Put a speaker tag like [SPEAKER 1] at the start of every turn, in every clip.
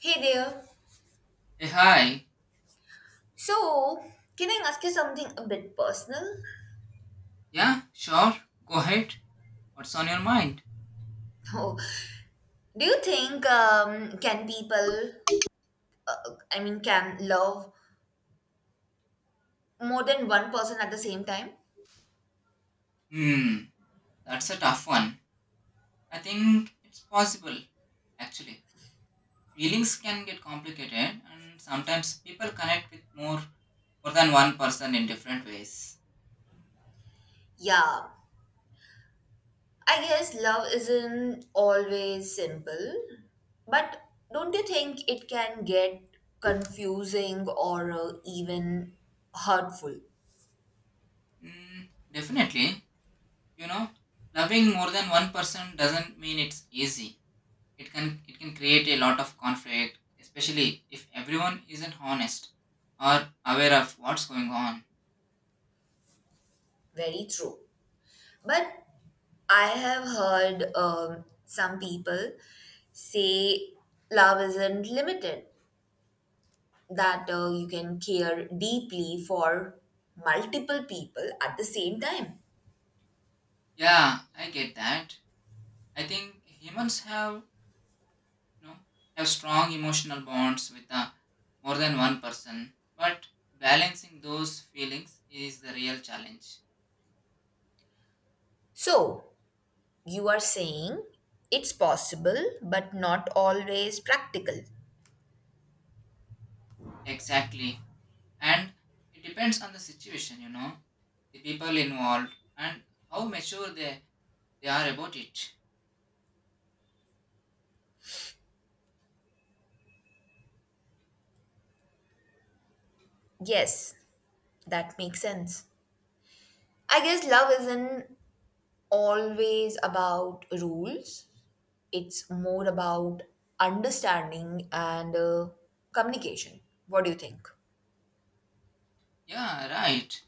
[SPEAKER 1] Hey there.
[SPEAKER 2] Hey, hi.
[SPEAKER 1] So, can I ask you something a bit personal?
[SPEAKER 2] Yeah, sure. Go ahead. What's on your mind?
[SPEAKER 1] Oh, do you think can people, uh, I mean, can love more than one person at the same time?
[SPEAKER 2] Hmm, that's a tough one. I think it's possible, actually. Feelings can get complicated, and sometimes people connect with more than one person in different ways.
[SPEAKER 1] Yeah, I guess love isn't always simple, but don't you think it can get confusing or even hurtful?
[SPEAKER 2] Hmm, definitely. You know, loving more than one person doesn't mean it's easy. It can create a lot of conflict, especially if everyone isn't honest or aware of what's going on.
[SPEAKER 1] Very true. But I have heard some people say love isn't limited, that you can care deeply for multiple people at the same time.
[SPEAKER 2] Yeah, I get that. I think humans have, you know, have strong emotional bonds with more than one person, but balancing those feelings is the real challenge.
[SPEAKER 1] So, you are saying it's possible but not always practical.
[SPEAKER 2] Exactly, and it depends on the situation, you know, the people involved, and how mature they are about it.
[SPEAKER 1] Yes, that makes sense. I guess love isn't always about rules. It's more about understanding and communication. What do you think?
[SPEAKER 2] Yeah, right.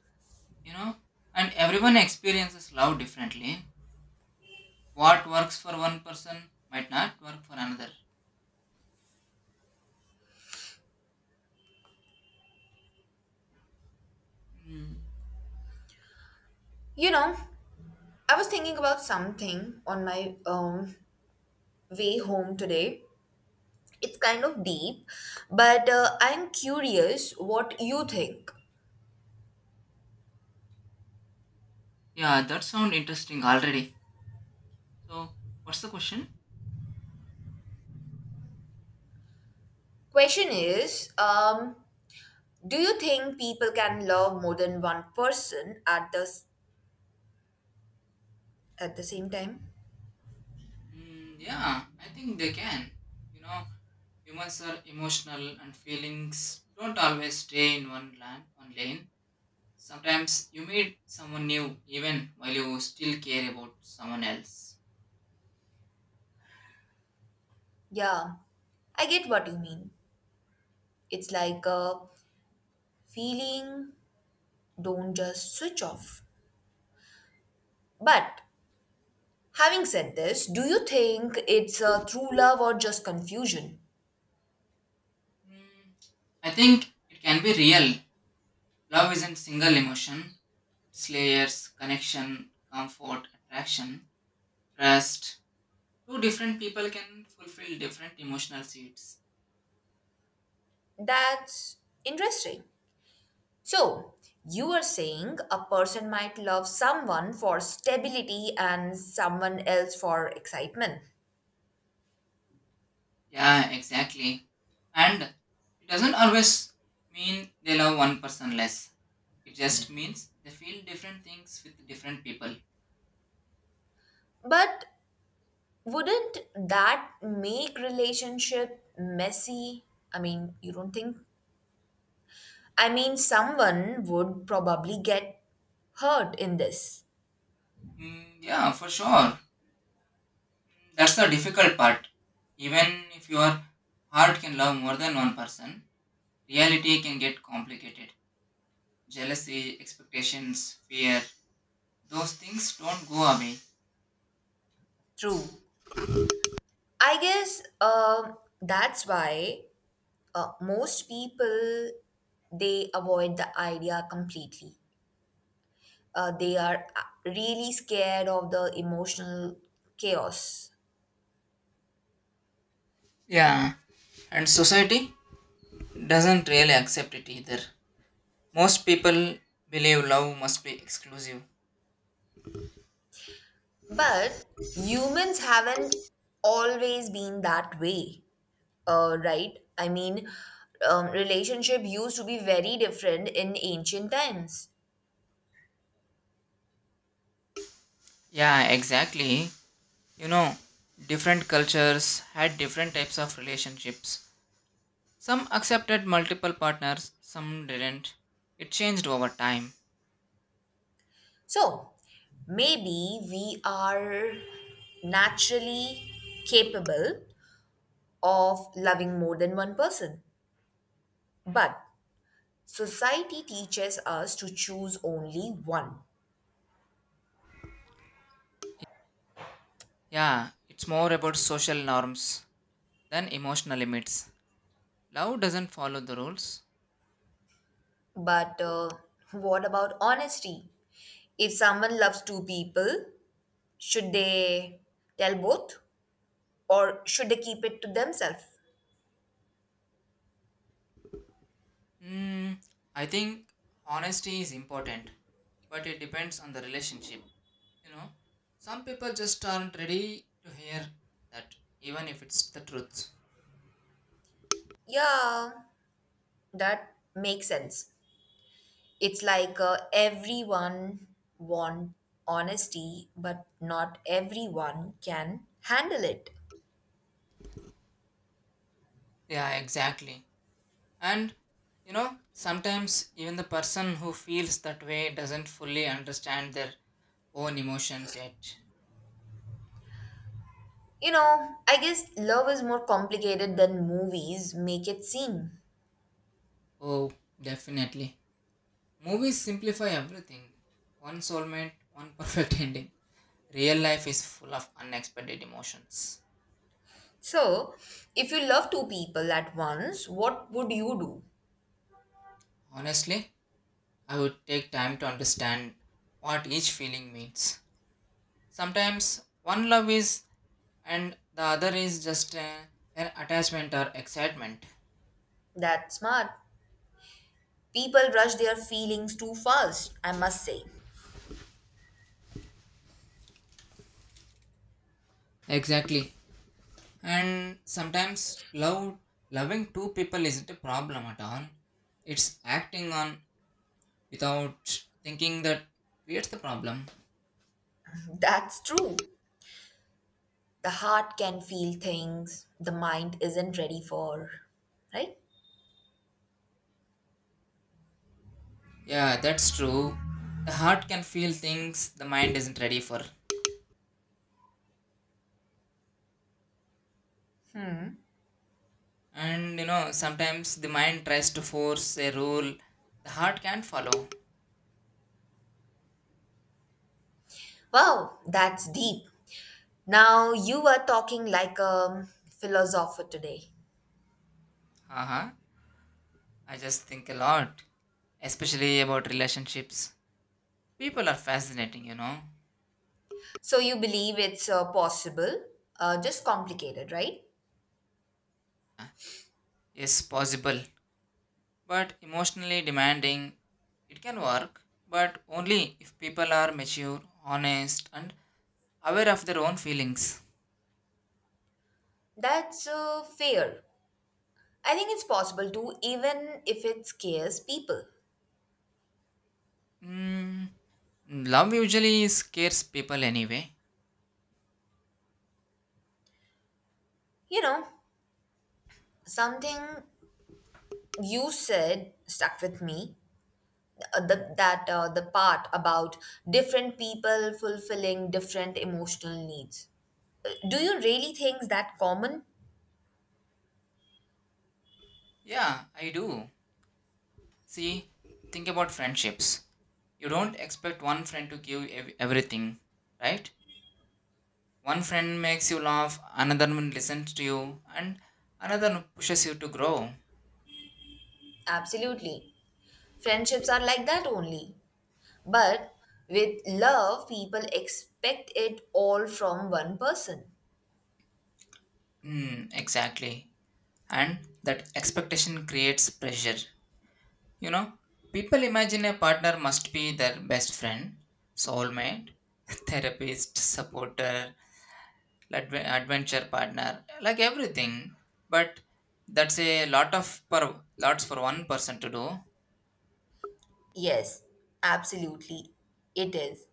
[SPEAKER 2] You know, and everyone experiences love differently. What works for one person might not work for another. Mm.
[SPEAKER 1] You know, I was thinking about something on my way home today. It's kind of deep, but I'm curious what you think.
[SPEAKER 2] Yeah, that sounds interesting already. So, what's the question?
[SPEAKER 1] Question is, do you think people can love more than one person at at the same time?
[SPEAKER 2] Mm, yeah, I think they can. You know, humans are emotional and feelings don't always stay in one lane. Sometimes you meet someone new even while you still care about someone else.
[SPEAKER 1] Yeah, I get what you mean. It's like a feeling don't just switch off. But having said this, do you think it's a true love or just confusion?
[SPEAKER 2] Mm, I think it can be real. Love isn't single emotion. It's layers, connection, comfort, attraction, trust. Two different people can fulfill different emotional seats.
[SPEAKER 1] That's interesting. So, you are saying a person might love someone for stability and someone else for excitement.
[SPEAKER 2] Yeah, exactly. And it doesn't always mean they love one person less. It just means they feel different things with different people.
[SPEAKER 1] But wouldn't that make relationship messy? I mean, you don't think? I mean, someone would probably get hurt in this.
[SPEAKER 2] Mm, yeah, for sure. Mm, that's the difficult part. Even if your heart can love more than one person, reality can get complicated. Jealousy, expectations, fear, those things don't go away.
[SPEAKER 1] True. I guess that's why most people they avoid the idea completely. They are really scared of the emotional chaos.
[SPEAKER 2] Yeah, and society doesn't really accept it either. Most people believe love must be exclusive.
[SPEAKER 1] But humans haven't always been that way, right? I mean, relationship used to be very different in ancient times.
[SPEAKER 2] Yeah, exactly. You know, different cultures had different types of relationships. Some accepted multiple partners, some didn't. It changed over time.
[SPEAKER 1] So maybe we are naturally capable of loving more than one person. But society teaches us to choose only one.
[SPEAKER 2] Yeah, it's more about social norms than emotional limits. Love doesn't follow the rules.
[SPEAKER 1] But what about honesty? If someone loves two people, should they tell both or should they keep it to themselves?
[SPEAKER 2] Hmm, I think honesty is important, but it depends on the relationship. You know, some people just aren't ready to hear that, even if it's the truth.
[SPEAKER 1] Yeah, that makes sense. It's like everyone want honesty, but not everyone can handle it.
[SPEAKER 2] Yeah, exactly. And you know, sometimes even the person who feels that way doesn't fully understand their own emotions yet.
[SPEAKER 1] You know, I guess love is more complicated than movies make it seem.
[SPEAKER 2] Oh, definitely. Movies simplify everything. One soulmate, one perfect ending. Real life is full of unexpected emotions.
[SPEAKER 1] So, if you love two people at once, what would you do?
[SPEAKER 2] Honestly, I would take time to understand what each feeling means. Sometimes one love is, and the other is just an attachment or excitement.
[SPEAKER 1] That's smart. People rush their feelings too fast, I must say.
[SPEAKER 2] Exactly. And sometimes love loving two people isn't a problem at all. It's acting on without thinking that creates the problem.
[SPEAKER 1] That's true. The heart can feel things the mind isn't ready for, right?
[SPEAKER 2] Yeah, that's true. The heart can feel things the mind isn't ready for. And you know, sometimes the mind tries to force a rule the heart can't follow.
[SPEAKER 1] Wow, that's deep. Now you are talking like a philosopher today.
[SPEAKER 2] Haha. I just think a lot, especially about relationships. People are fascinating, you know.
[SPEAKER 1] So you believe it's possible, just complicated, right?
[SPEAKER 2] Yes, possible, but emotionally demanding. It can work, but only if people are mature, honest, and aware of their own feelings.
[SPEAKER 1] That's fair. I think it's possible to, even if it scares people.
[SPEAKER 2] Mm, love usually scares people anyway.
[SPEAKER 1] You know, something you said stuck with me. The part about different people fulfilling different emotional needs. Do you really think that common?
[SPEAKER 2] Yeah, I do. See, think about friendships. You don't expect one friend to give everything, right? One friend makes you laugh, another one listens to you, and another one pushes you to grow.
[SPEAKER 1] Absolutely. Friendships are like that only. But with love, people expect it all from one person.
[SPEAKER 2] Mm, exactly. And that expectation creates pressure. You know, people imagine a partner must be their best friend, soulmate, therapist, supporter, adventure partner, like everything. But that's a lots for one person to do.
[SPEAKER 1] Yes, absolutely. It is.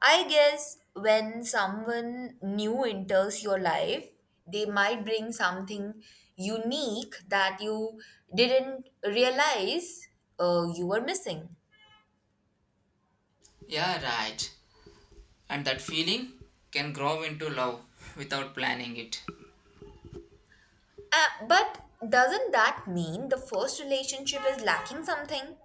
[SPEAKER 1] I guess when someone new enters your life, they might bring something unique that you didn't realize you were missing.
[SPEAKER 2] Yeah, right. And that feeling can grow into love without planning it.
[SPEAKER 1] But doesn't that mean the first relationship is lacking something?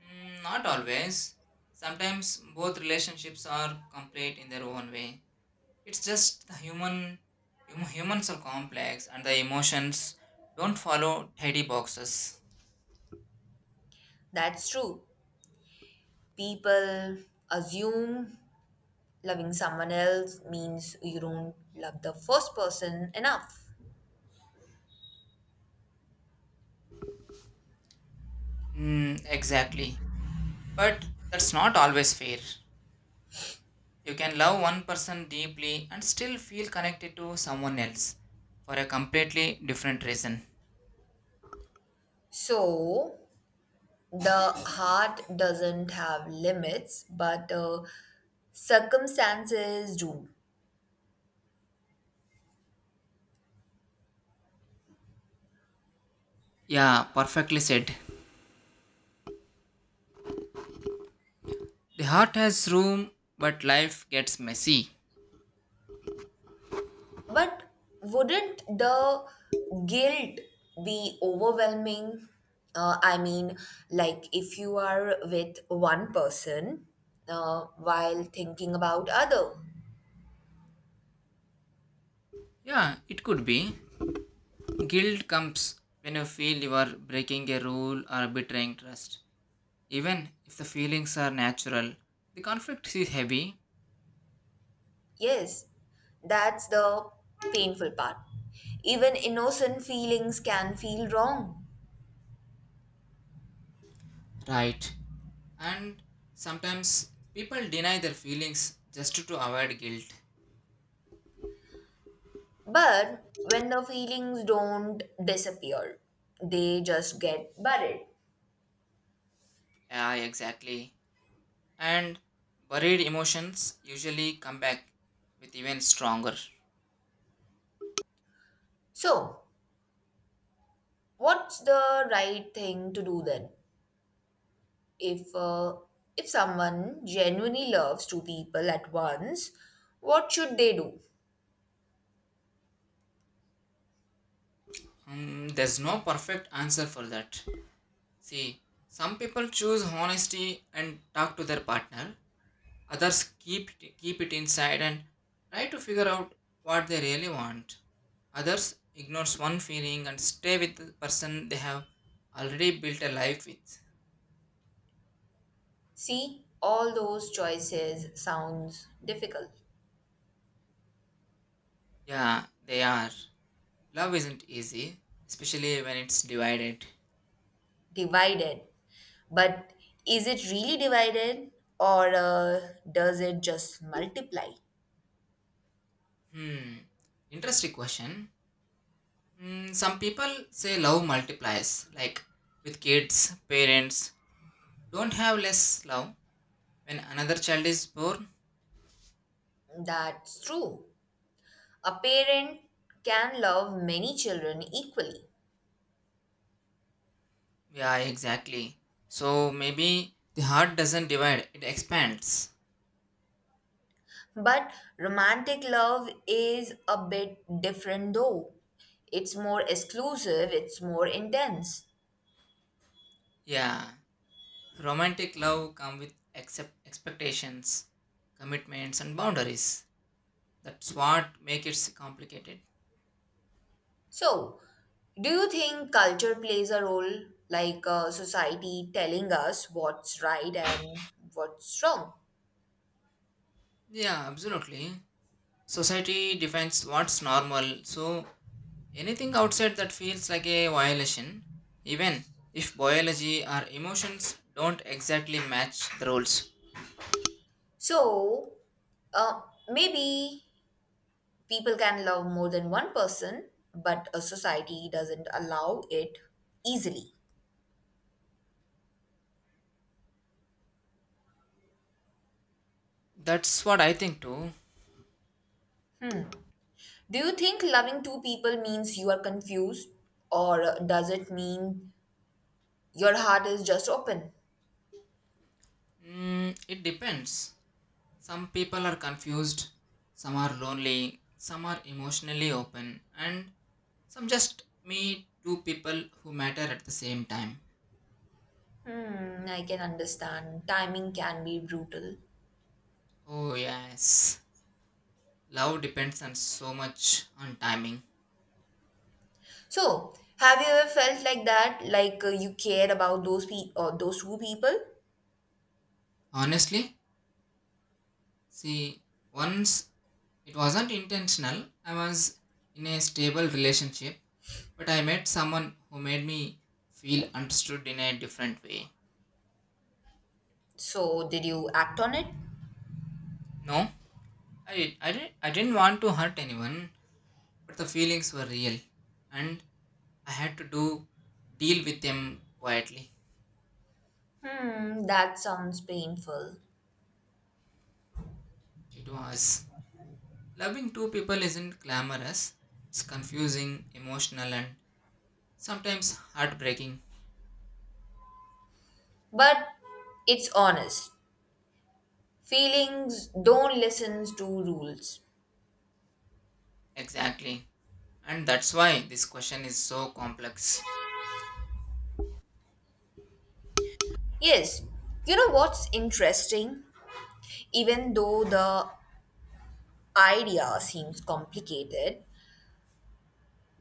[SPEAKER 2] Mm, not always. Sometimes both relationships are complete in their own way. It's just the humans are complex and the emotions don't follow tidy boxes.
[SPEAKER 1] That's true. People assume loving someone else means you don't love the first person enough.
[SPEAKER 2] Mm, exactly. But that's not always fair. You can love one person deeply and still feel connected to someone else for a completely different reason.
[SPEAKER 1] So, the heart doesn't have limits, but circumstances do.
[SPEAKER 2] Yeah, perfectly said. The heart has room, but life gets messy.
[SPEAKER 1] But wouldn't the guilt be overwhelming? I mean, like if you are with one person while thinking about other.
[SPEAKER 2] Yeah, it could be. Guilt comes when you feel you are breaking a rule or betraying trust. Even if the feelings are natural, the conflict is heavy.
[SPEAKER 1] Yes, that's the painful part. Even innocent feelings can feel wrong.
[SPEAKER 2] Right. And sometimes people deny their feelings just to avoid guilt.
[SPEAKER 1] But when the feelings don't disappear, they just get buried.
[SPEAKER 2] Yeah, exactly. And buried emotions usually come back with even stronger.
[SPEAKER 1] So, what's the right thing to do then? If uh, if someone genuinely loves two people at once, what should they do?
[SPEAKER 2] Hmm, there's no perfect answer for that. See, some people choose honesty and talk to their partner. Others keep it inside and try to figure out what they really want. Others ignores one feeling and stay with the person they have already built a life with.
[SPEAKER 1] See, all those choices sounds difficult,
[SPEAKER 2] Yeah, they are. Love isn't easy, especially when it's divided.
[SPEAKER 1] divided. But is it really divided or does it just multiply?
[SPEAKER 2] Hmm. Interesting question. Hmm, some people say love multiplies, like with kids, parents don't have less love when another child is born.
[SPEAKER 1] That's true. A parent can love many children equally,
[SPEAKER 2] Yeah, exactly. So maybe the heart doesn't divide, it expands.
[SPEAKER 1] but romantic love is a bit different though. It's more exclusive, it's more intense.
[SPEAKER 2] Yeah. Romantic love come with accept expectations, commitments and boundaries. That's what make it complicated.
[SPEAKER 1] So, do you think culture plays a role, like society telling us what's right and what's wrong?
[SPEAKER 2] Yeah, absolutely. Society defines what's normal, so anything outside that feels like a violation, even if biology or emotions don't exactly match the rules.
[SPEAKER 1] So, uh, maybe people can love more than one person, but a society doesn't allow it easily.
[SPEAKER 2] That's what I think too.
[SPEAKER 1] Do you think loving two people means you are confused, or does it mean your heart is just open?
[SPEAKER 2] Mm, it depends. Some people are confused, some are lonely, some are emotionally open, and some just meet two people who matter at the same time.
[SPEAKER 1] Hmm, I can understand. Timing can be brutal.
[SPEAKER 2] Oh, yes. Love depends on so much on timing.
[SPEAKER 1] So, have you ever felt like that, like you cared about those pe or those two people?
[SPEAKER 2] Honestly, see, once it wasn't intentional, I was in a stable relationship, but I met someone who made me feel understood in a different way.
[SPEAKER 1] So, did you act on it?
[SPEAKER 2] No, I didn't want to hurt anyone, but the feelings were real and I had to do deal with them quietly.
[SPEAKER 1] Hmm, that sounds painful,
[SPEAKER 2] It was. Loving two people isn't glamorous. It's confusing, emotional, and sometimes heartbreaking.
[SPEAKER 1] but it's honest. Feelings don't listen to rules.
[SPEAKER 2] Exactly. And that's why this question is so complex.
[SPEAKER 1] Yes, you know what's interesting? Even though the idea seems complicated,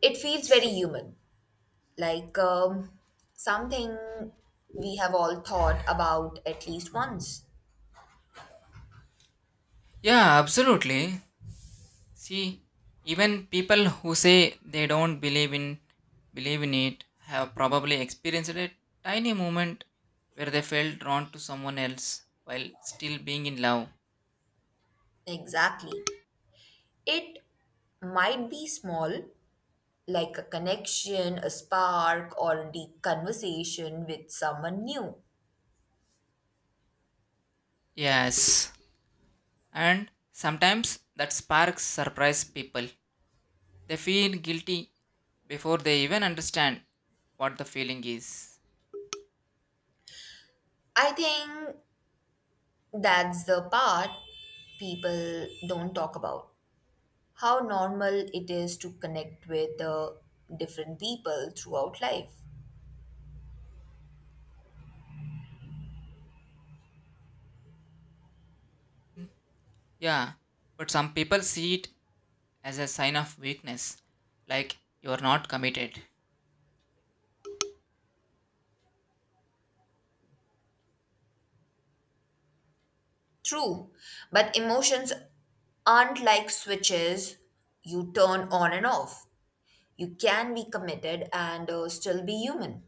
[SPEAKER 1] it feels very human, like something we have all thought about at least once.
[SPEAKER 2] Yeah, absolutely. See, even people who say they don't believe in believe in it have probably experienced a tiny moment where they felt drawn to someone else while still being in love.
[SPEAKER 1] Exactly. It might be small, like a connection, a spark, or a deep conversation with someone new.
[SPEAKER 2] Yes. And sometimes that sparks surprise people. They feel guilty before they even understand what the feeling is.
[SPEAKER 1] I think that's the part people don't talk about. How normal it is to connect with different people throughout life.
[SPEAKER 2] Yeah, but some people see it as a sign of weakness, like you are not committed.
[SPEAKER 1] True, but emotions aren't like switches you turn on and off. You can be committed and still be human.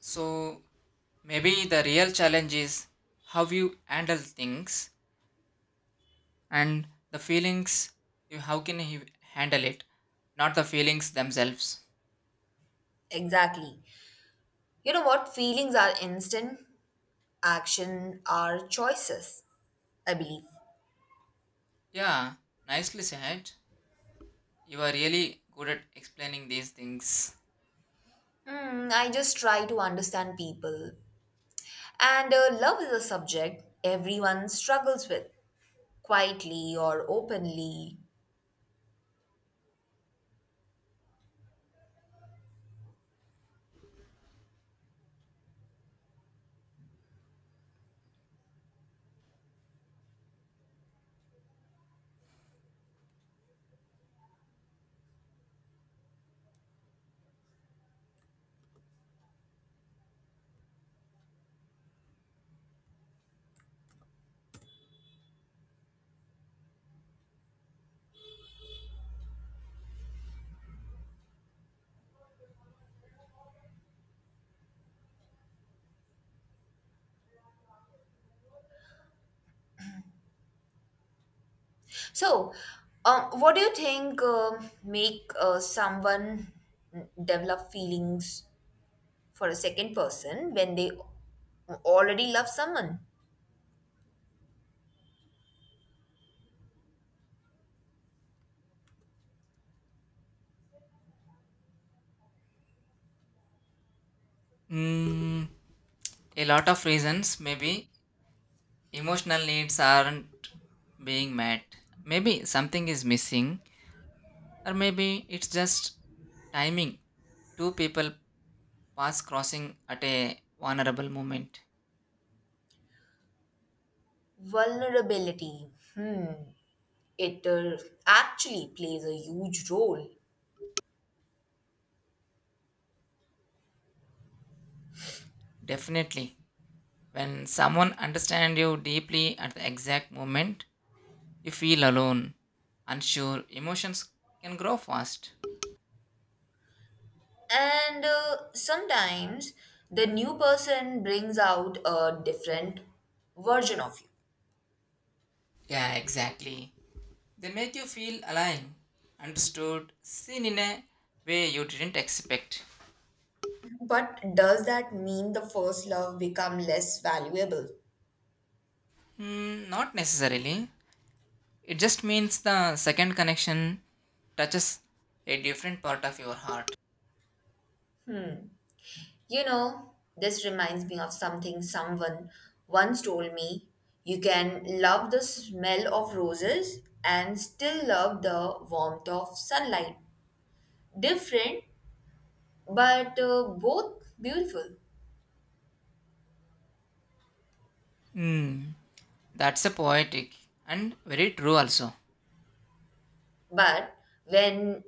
[SPEAKER 2] So maybe the real challenge is how you handle things and the feelings you how can you handle it, not the feelings themselves.
[SPEAKER 1] Exactly. You know what? Feelings are instant, action are choices, I believe.
[SPEAKER 2] Yeah, nicely said. You are really good at explaining these things.
[SPEAKER 1] Hmm, I just try to understand people. And love is a subject everyone struggles with, quietly or openly. So, what do you think make someone develop feelings for a second person when they already love someone?
[SPEAKER 2] Mm, a lot of reasons. Maybe emotional needs aren't being met. Maybe something is missing, or maybe it's just timing. Two people pass crossing at a vulnerable moment.
[SPEAKER 1] Vulnerability. Hmm. It actually plays a huge role.
[SPEAKER 2] Definitely. When someone understands you deeply at the exact moment, you feel alone, unsure. Emotions can grow fast.
[SPEAKER 1] And sometimes the new person brings out a different version of you.
[SPEAKER 2] Yeah, exactly. They make you feel alive, understood, seen in a way you didn't expect.
[SPEAKER 1] But does that mean the first love become less valuable?
[SPEAKER 2] Mm, not necessarily. It just means the second connection touches a different part of your heart.
[SPEAKER 1] You know, this reminds me of something someone once told me. You can love the smell of roses and still love the warmth of sunlight. Different, but both beautiful.
[SPEAKER 2] Hmm, that's a poetic and very true also.
[SPEAKER 1] But when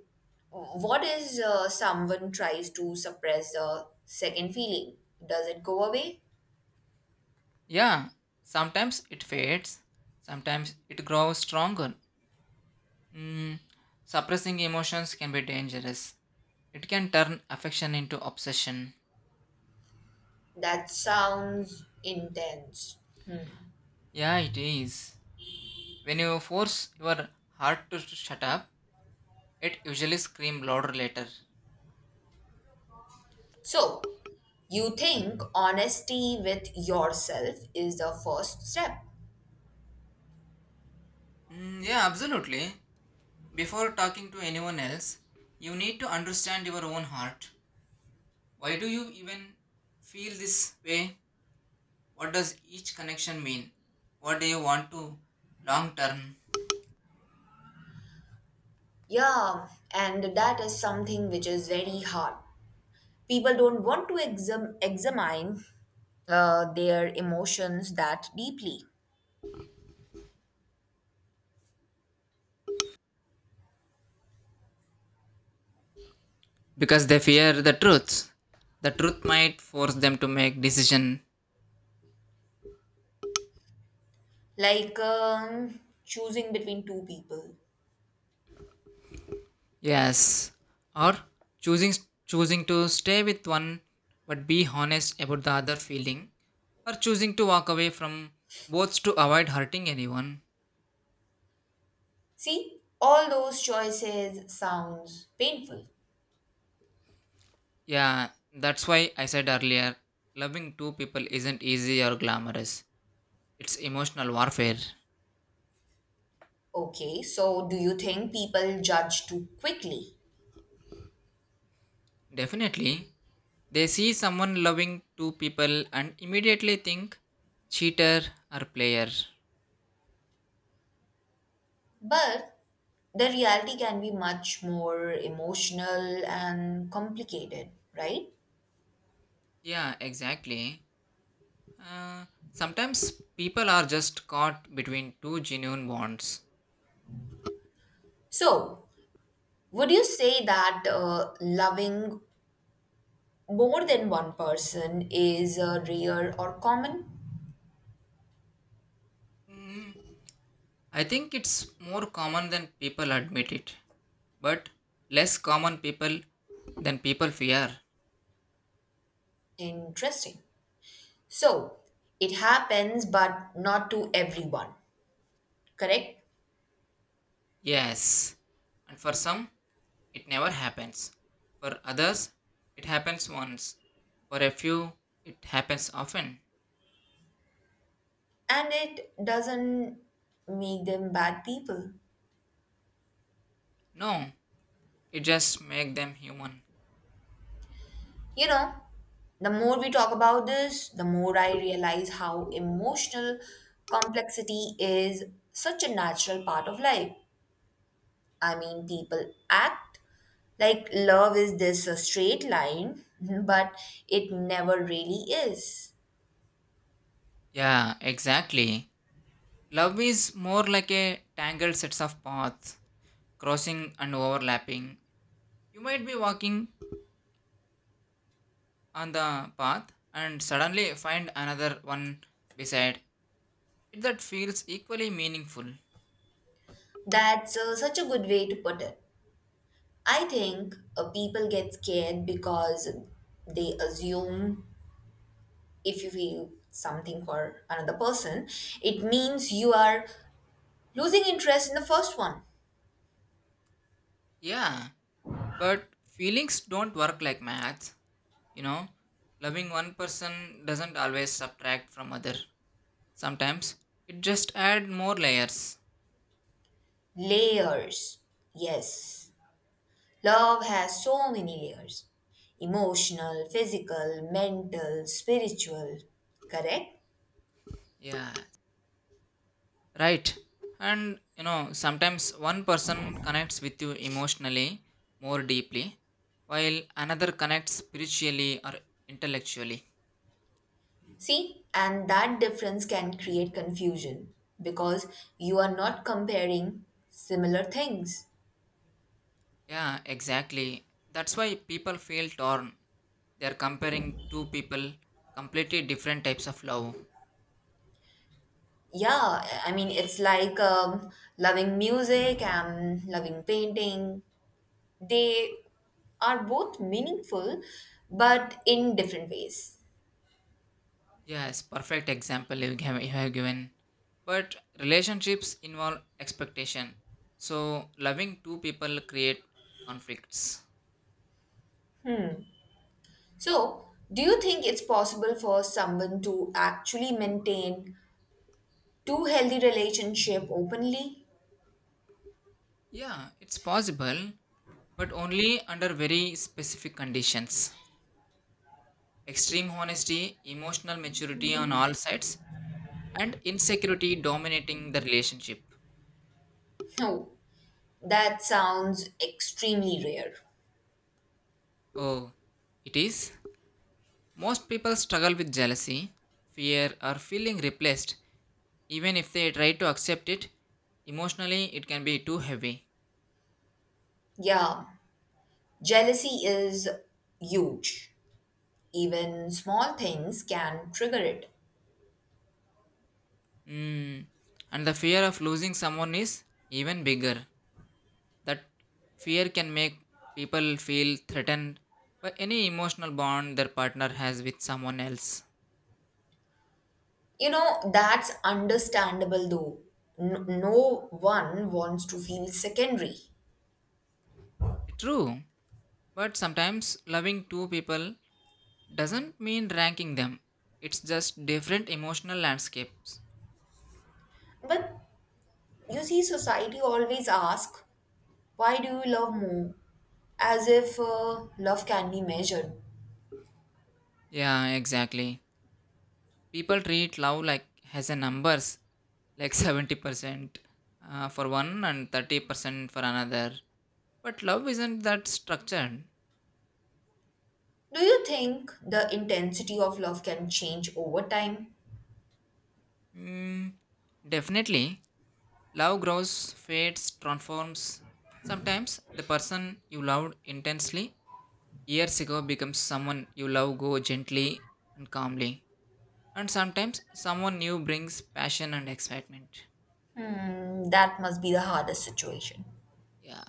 [SPEAKER 1] what is someone tries to suppress the second feeling? Does it go away?
[SPEAKER 2] Yeah, sometimes it fades, sometimes it grows stronger. Hmm. Suppressing emotions can be dangerous. It can turn affection into obsession.
[SPEAKER 1] That sounds intense.
[SPEAKER 2] Yeah, it is. When you force your heart to shut up, it usually screams louder later.
[SPEAKER 1] So, you think honesty with yourself is the first step.
[SPEAKER 2] Mm, yeah, absolutely. Before talking to anyone else, you need to understand your own heart. Why do you even feel this way? What does each connection mean? What do you want to long term?
[SPEAKER 1] Yeah, and that is something which is very hard. People don't want to examine their emotions that deeply.
[SPEAKER 2] Because they fear the truth. The truth might force them to make decision.
[SPEAKER 1] Like choosing between two people.
[SPEAKER 2] Yes, or choosing choosing to stay with one but be honest about the other feeling, or choosing to walk away from both to avoid hurting anyone.
[SPEAKER 1] See, all those choices sounds painful.
[SPEAKER 2] Yeah, that's why I said earlier, loving two people isn't easy or glamorous. It's emotional warfare.
[SPEAKER 1] Okay, so do you think people judge too quickly?
[SPEAKER 2] Definitely, they see someone loving two people and immediately think cheater or player.
[SPEAKER 1] But the reality can be much more emotional and complicated, right?
[SPEAKER 2] Yeah, exactly. Uh, sometimes people are just caught between two genuine bonds.
[SPEAKER 1] So, would you say that loving more than one person is rare or common?
[SPEAKER 2] Mm, I think it's more common than people admit it, but less common people than people fear.
[SPEAKER 1] Interesting. So, it happens, but not to everyone, correct?
[SPEAKER 2] Yes. And for some, it never happens. For others, it happens once. For a few, it happens often.
[SPEAKER 1] And it doesn't make them bad people.
[SPEAKER 2] No, it just makes them human.
[SPEAKER 1] You know, the more we talk about this, the more I realize how emotional complexity is such a natural part of life. I mean, people act like love is this straight line, but it never really is.
[SPEAKER 2] Yeah, exactly. Love is more like a tangled sets of paths, crossing and overlapping. You might be walking on the path and suddenly find another one beside it that feels equally meaningful.
[SPEAKER 1] That's such a good way to put it. I think people get scared because they assume if you feel something for another person, it means you are losing interest in the first one.
[SPEAKER 2] Yeah, but feelings don't work like math. You know, loving one person doesn't always subtract from other. Sometimes it just add more layers.
[SPEAKER 1] Layers. Yes. Love has so many layers emotional, physical, mental, spiritual. Correct?
[SPEAKER 2] Yeah, right. And you know, sometimes one person connects with you emotionally more deeply, while another connects spiritually or intellectually.
[SPEAKER 1] See, and that difference can create confusion because you are not comparing similar things.
[SPEAKER 2] Yeah, exactly. That's why people feel torn. They are comparing two people completely different types of love.
[SPEAKER 1] Yeah, I mean, it's like loving music and loving painting. They are both meaningful, but in different ways.
[SPEAKER 2] Yes, perfect example you have given. But relationships involve expectation, so loving two people create conflicts.
[SPEAKER 1] So, do you think it's possible for someone to actually maintain two healthy relationship openly?
[SPEAKER 2] Yeah, it's possible, but only under very specific conditions: extreme honesty, emotional maturity on all sides, and insecurity dominating the relationship.
[SPEAKER 1] No, that sounds extremely rare.
[SPEAKER 2] Oh, it is. Most people struggle with jealousy, fear or feeling replaced. Even if they try to accept it, emotionally it can be too heavy.
[SPEAKER 1] Yeah, jealousy is huge. Even small things can trigger it.
[SPEAKER 2] Mm. And the fear of losing someone is even bigger. That fear can make people feel threatened by any emotional bond their partner has with someone else.
[SPEAKER 1] You know, that's understandable though. No one wants to feel secondary.
[SPEAKER 2] True, but sometimes loving two people doesn't mean ranking them, it's just different emotional landscapes.
[SPEAKER 1] But you see, society always asks, why do you love more? As if love can be measured.
[SPEAKER 2] Yeah, exactly. People treat love like has a numbers like 70% for one and 30% for another. But love isn't that structured.
[SPEAKER 1] Do you think the intensity of love can change over time?
[SPEAKER 2] Mm, definitely. Love grows, fades, transforms. Sometimes the person you loved intensely years ago becomes someone you love go gently and calmly. And sometimes someone new brings passion and excitement.
[SPEAKER 1] Mm, that must be the hardest situation.
[SPEAKER 2] Yeah.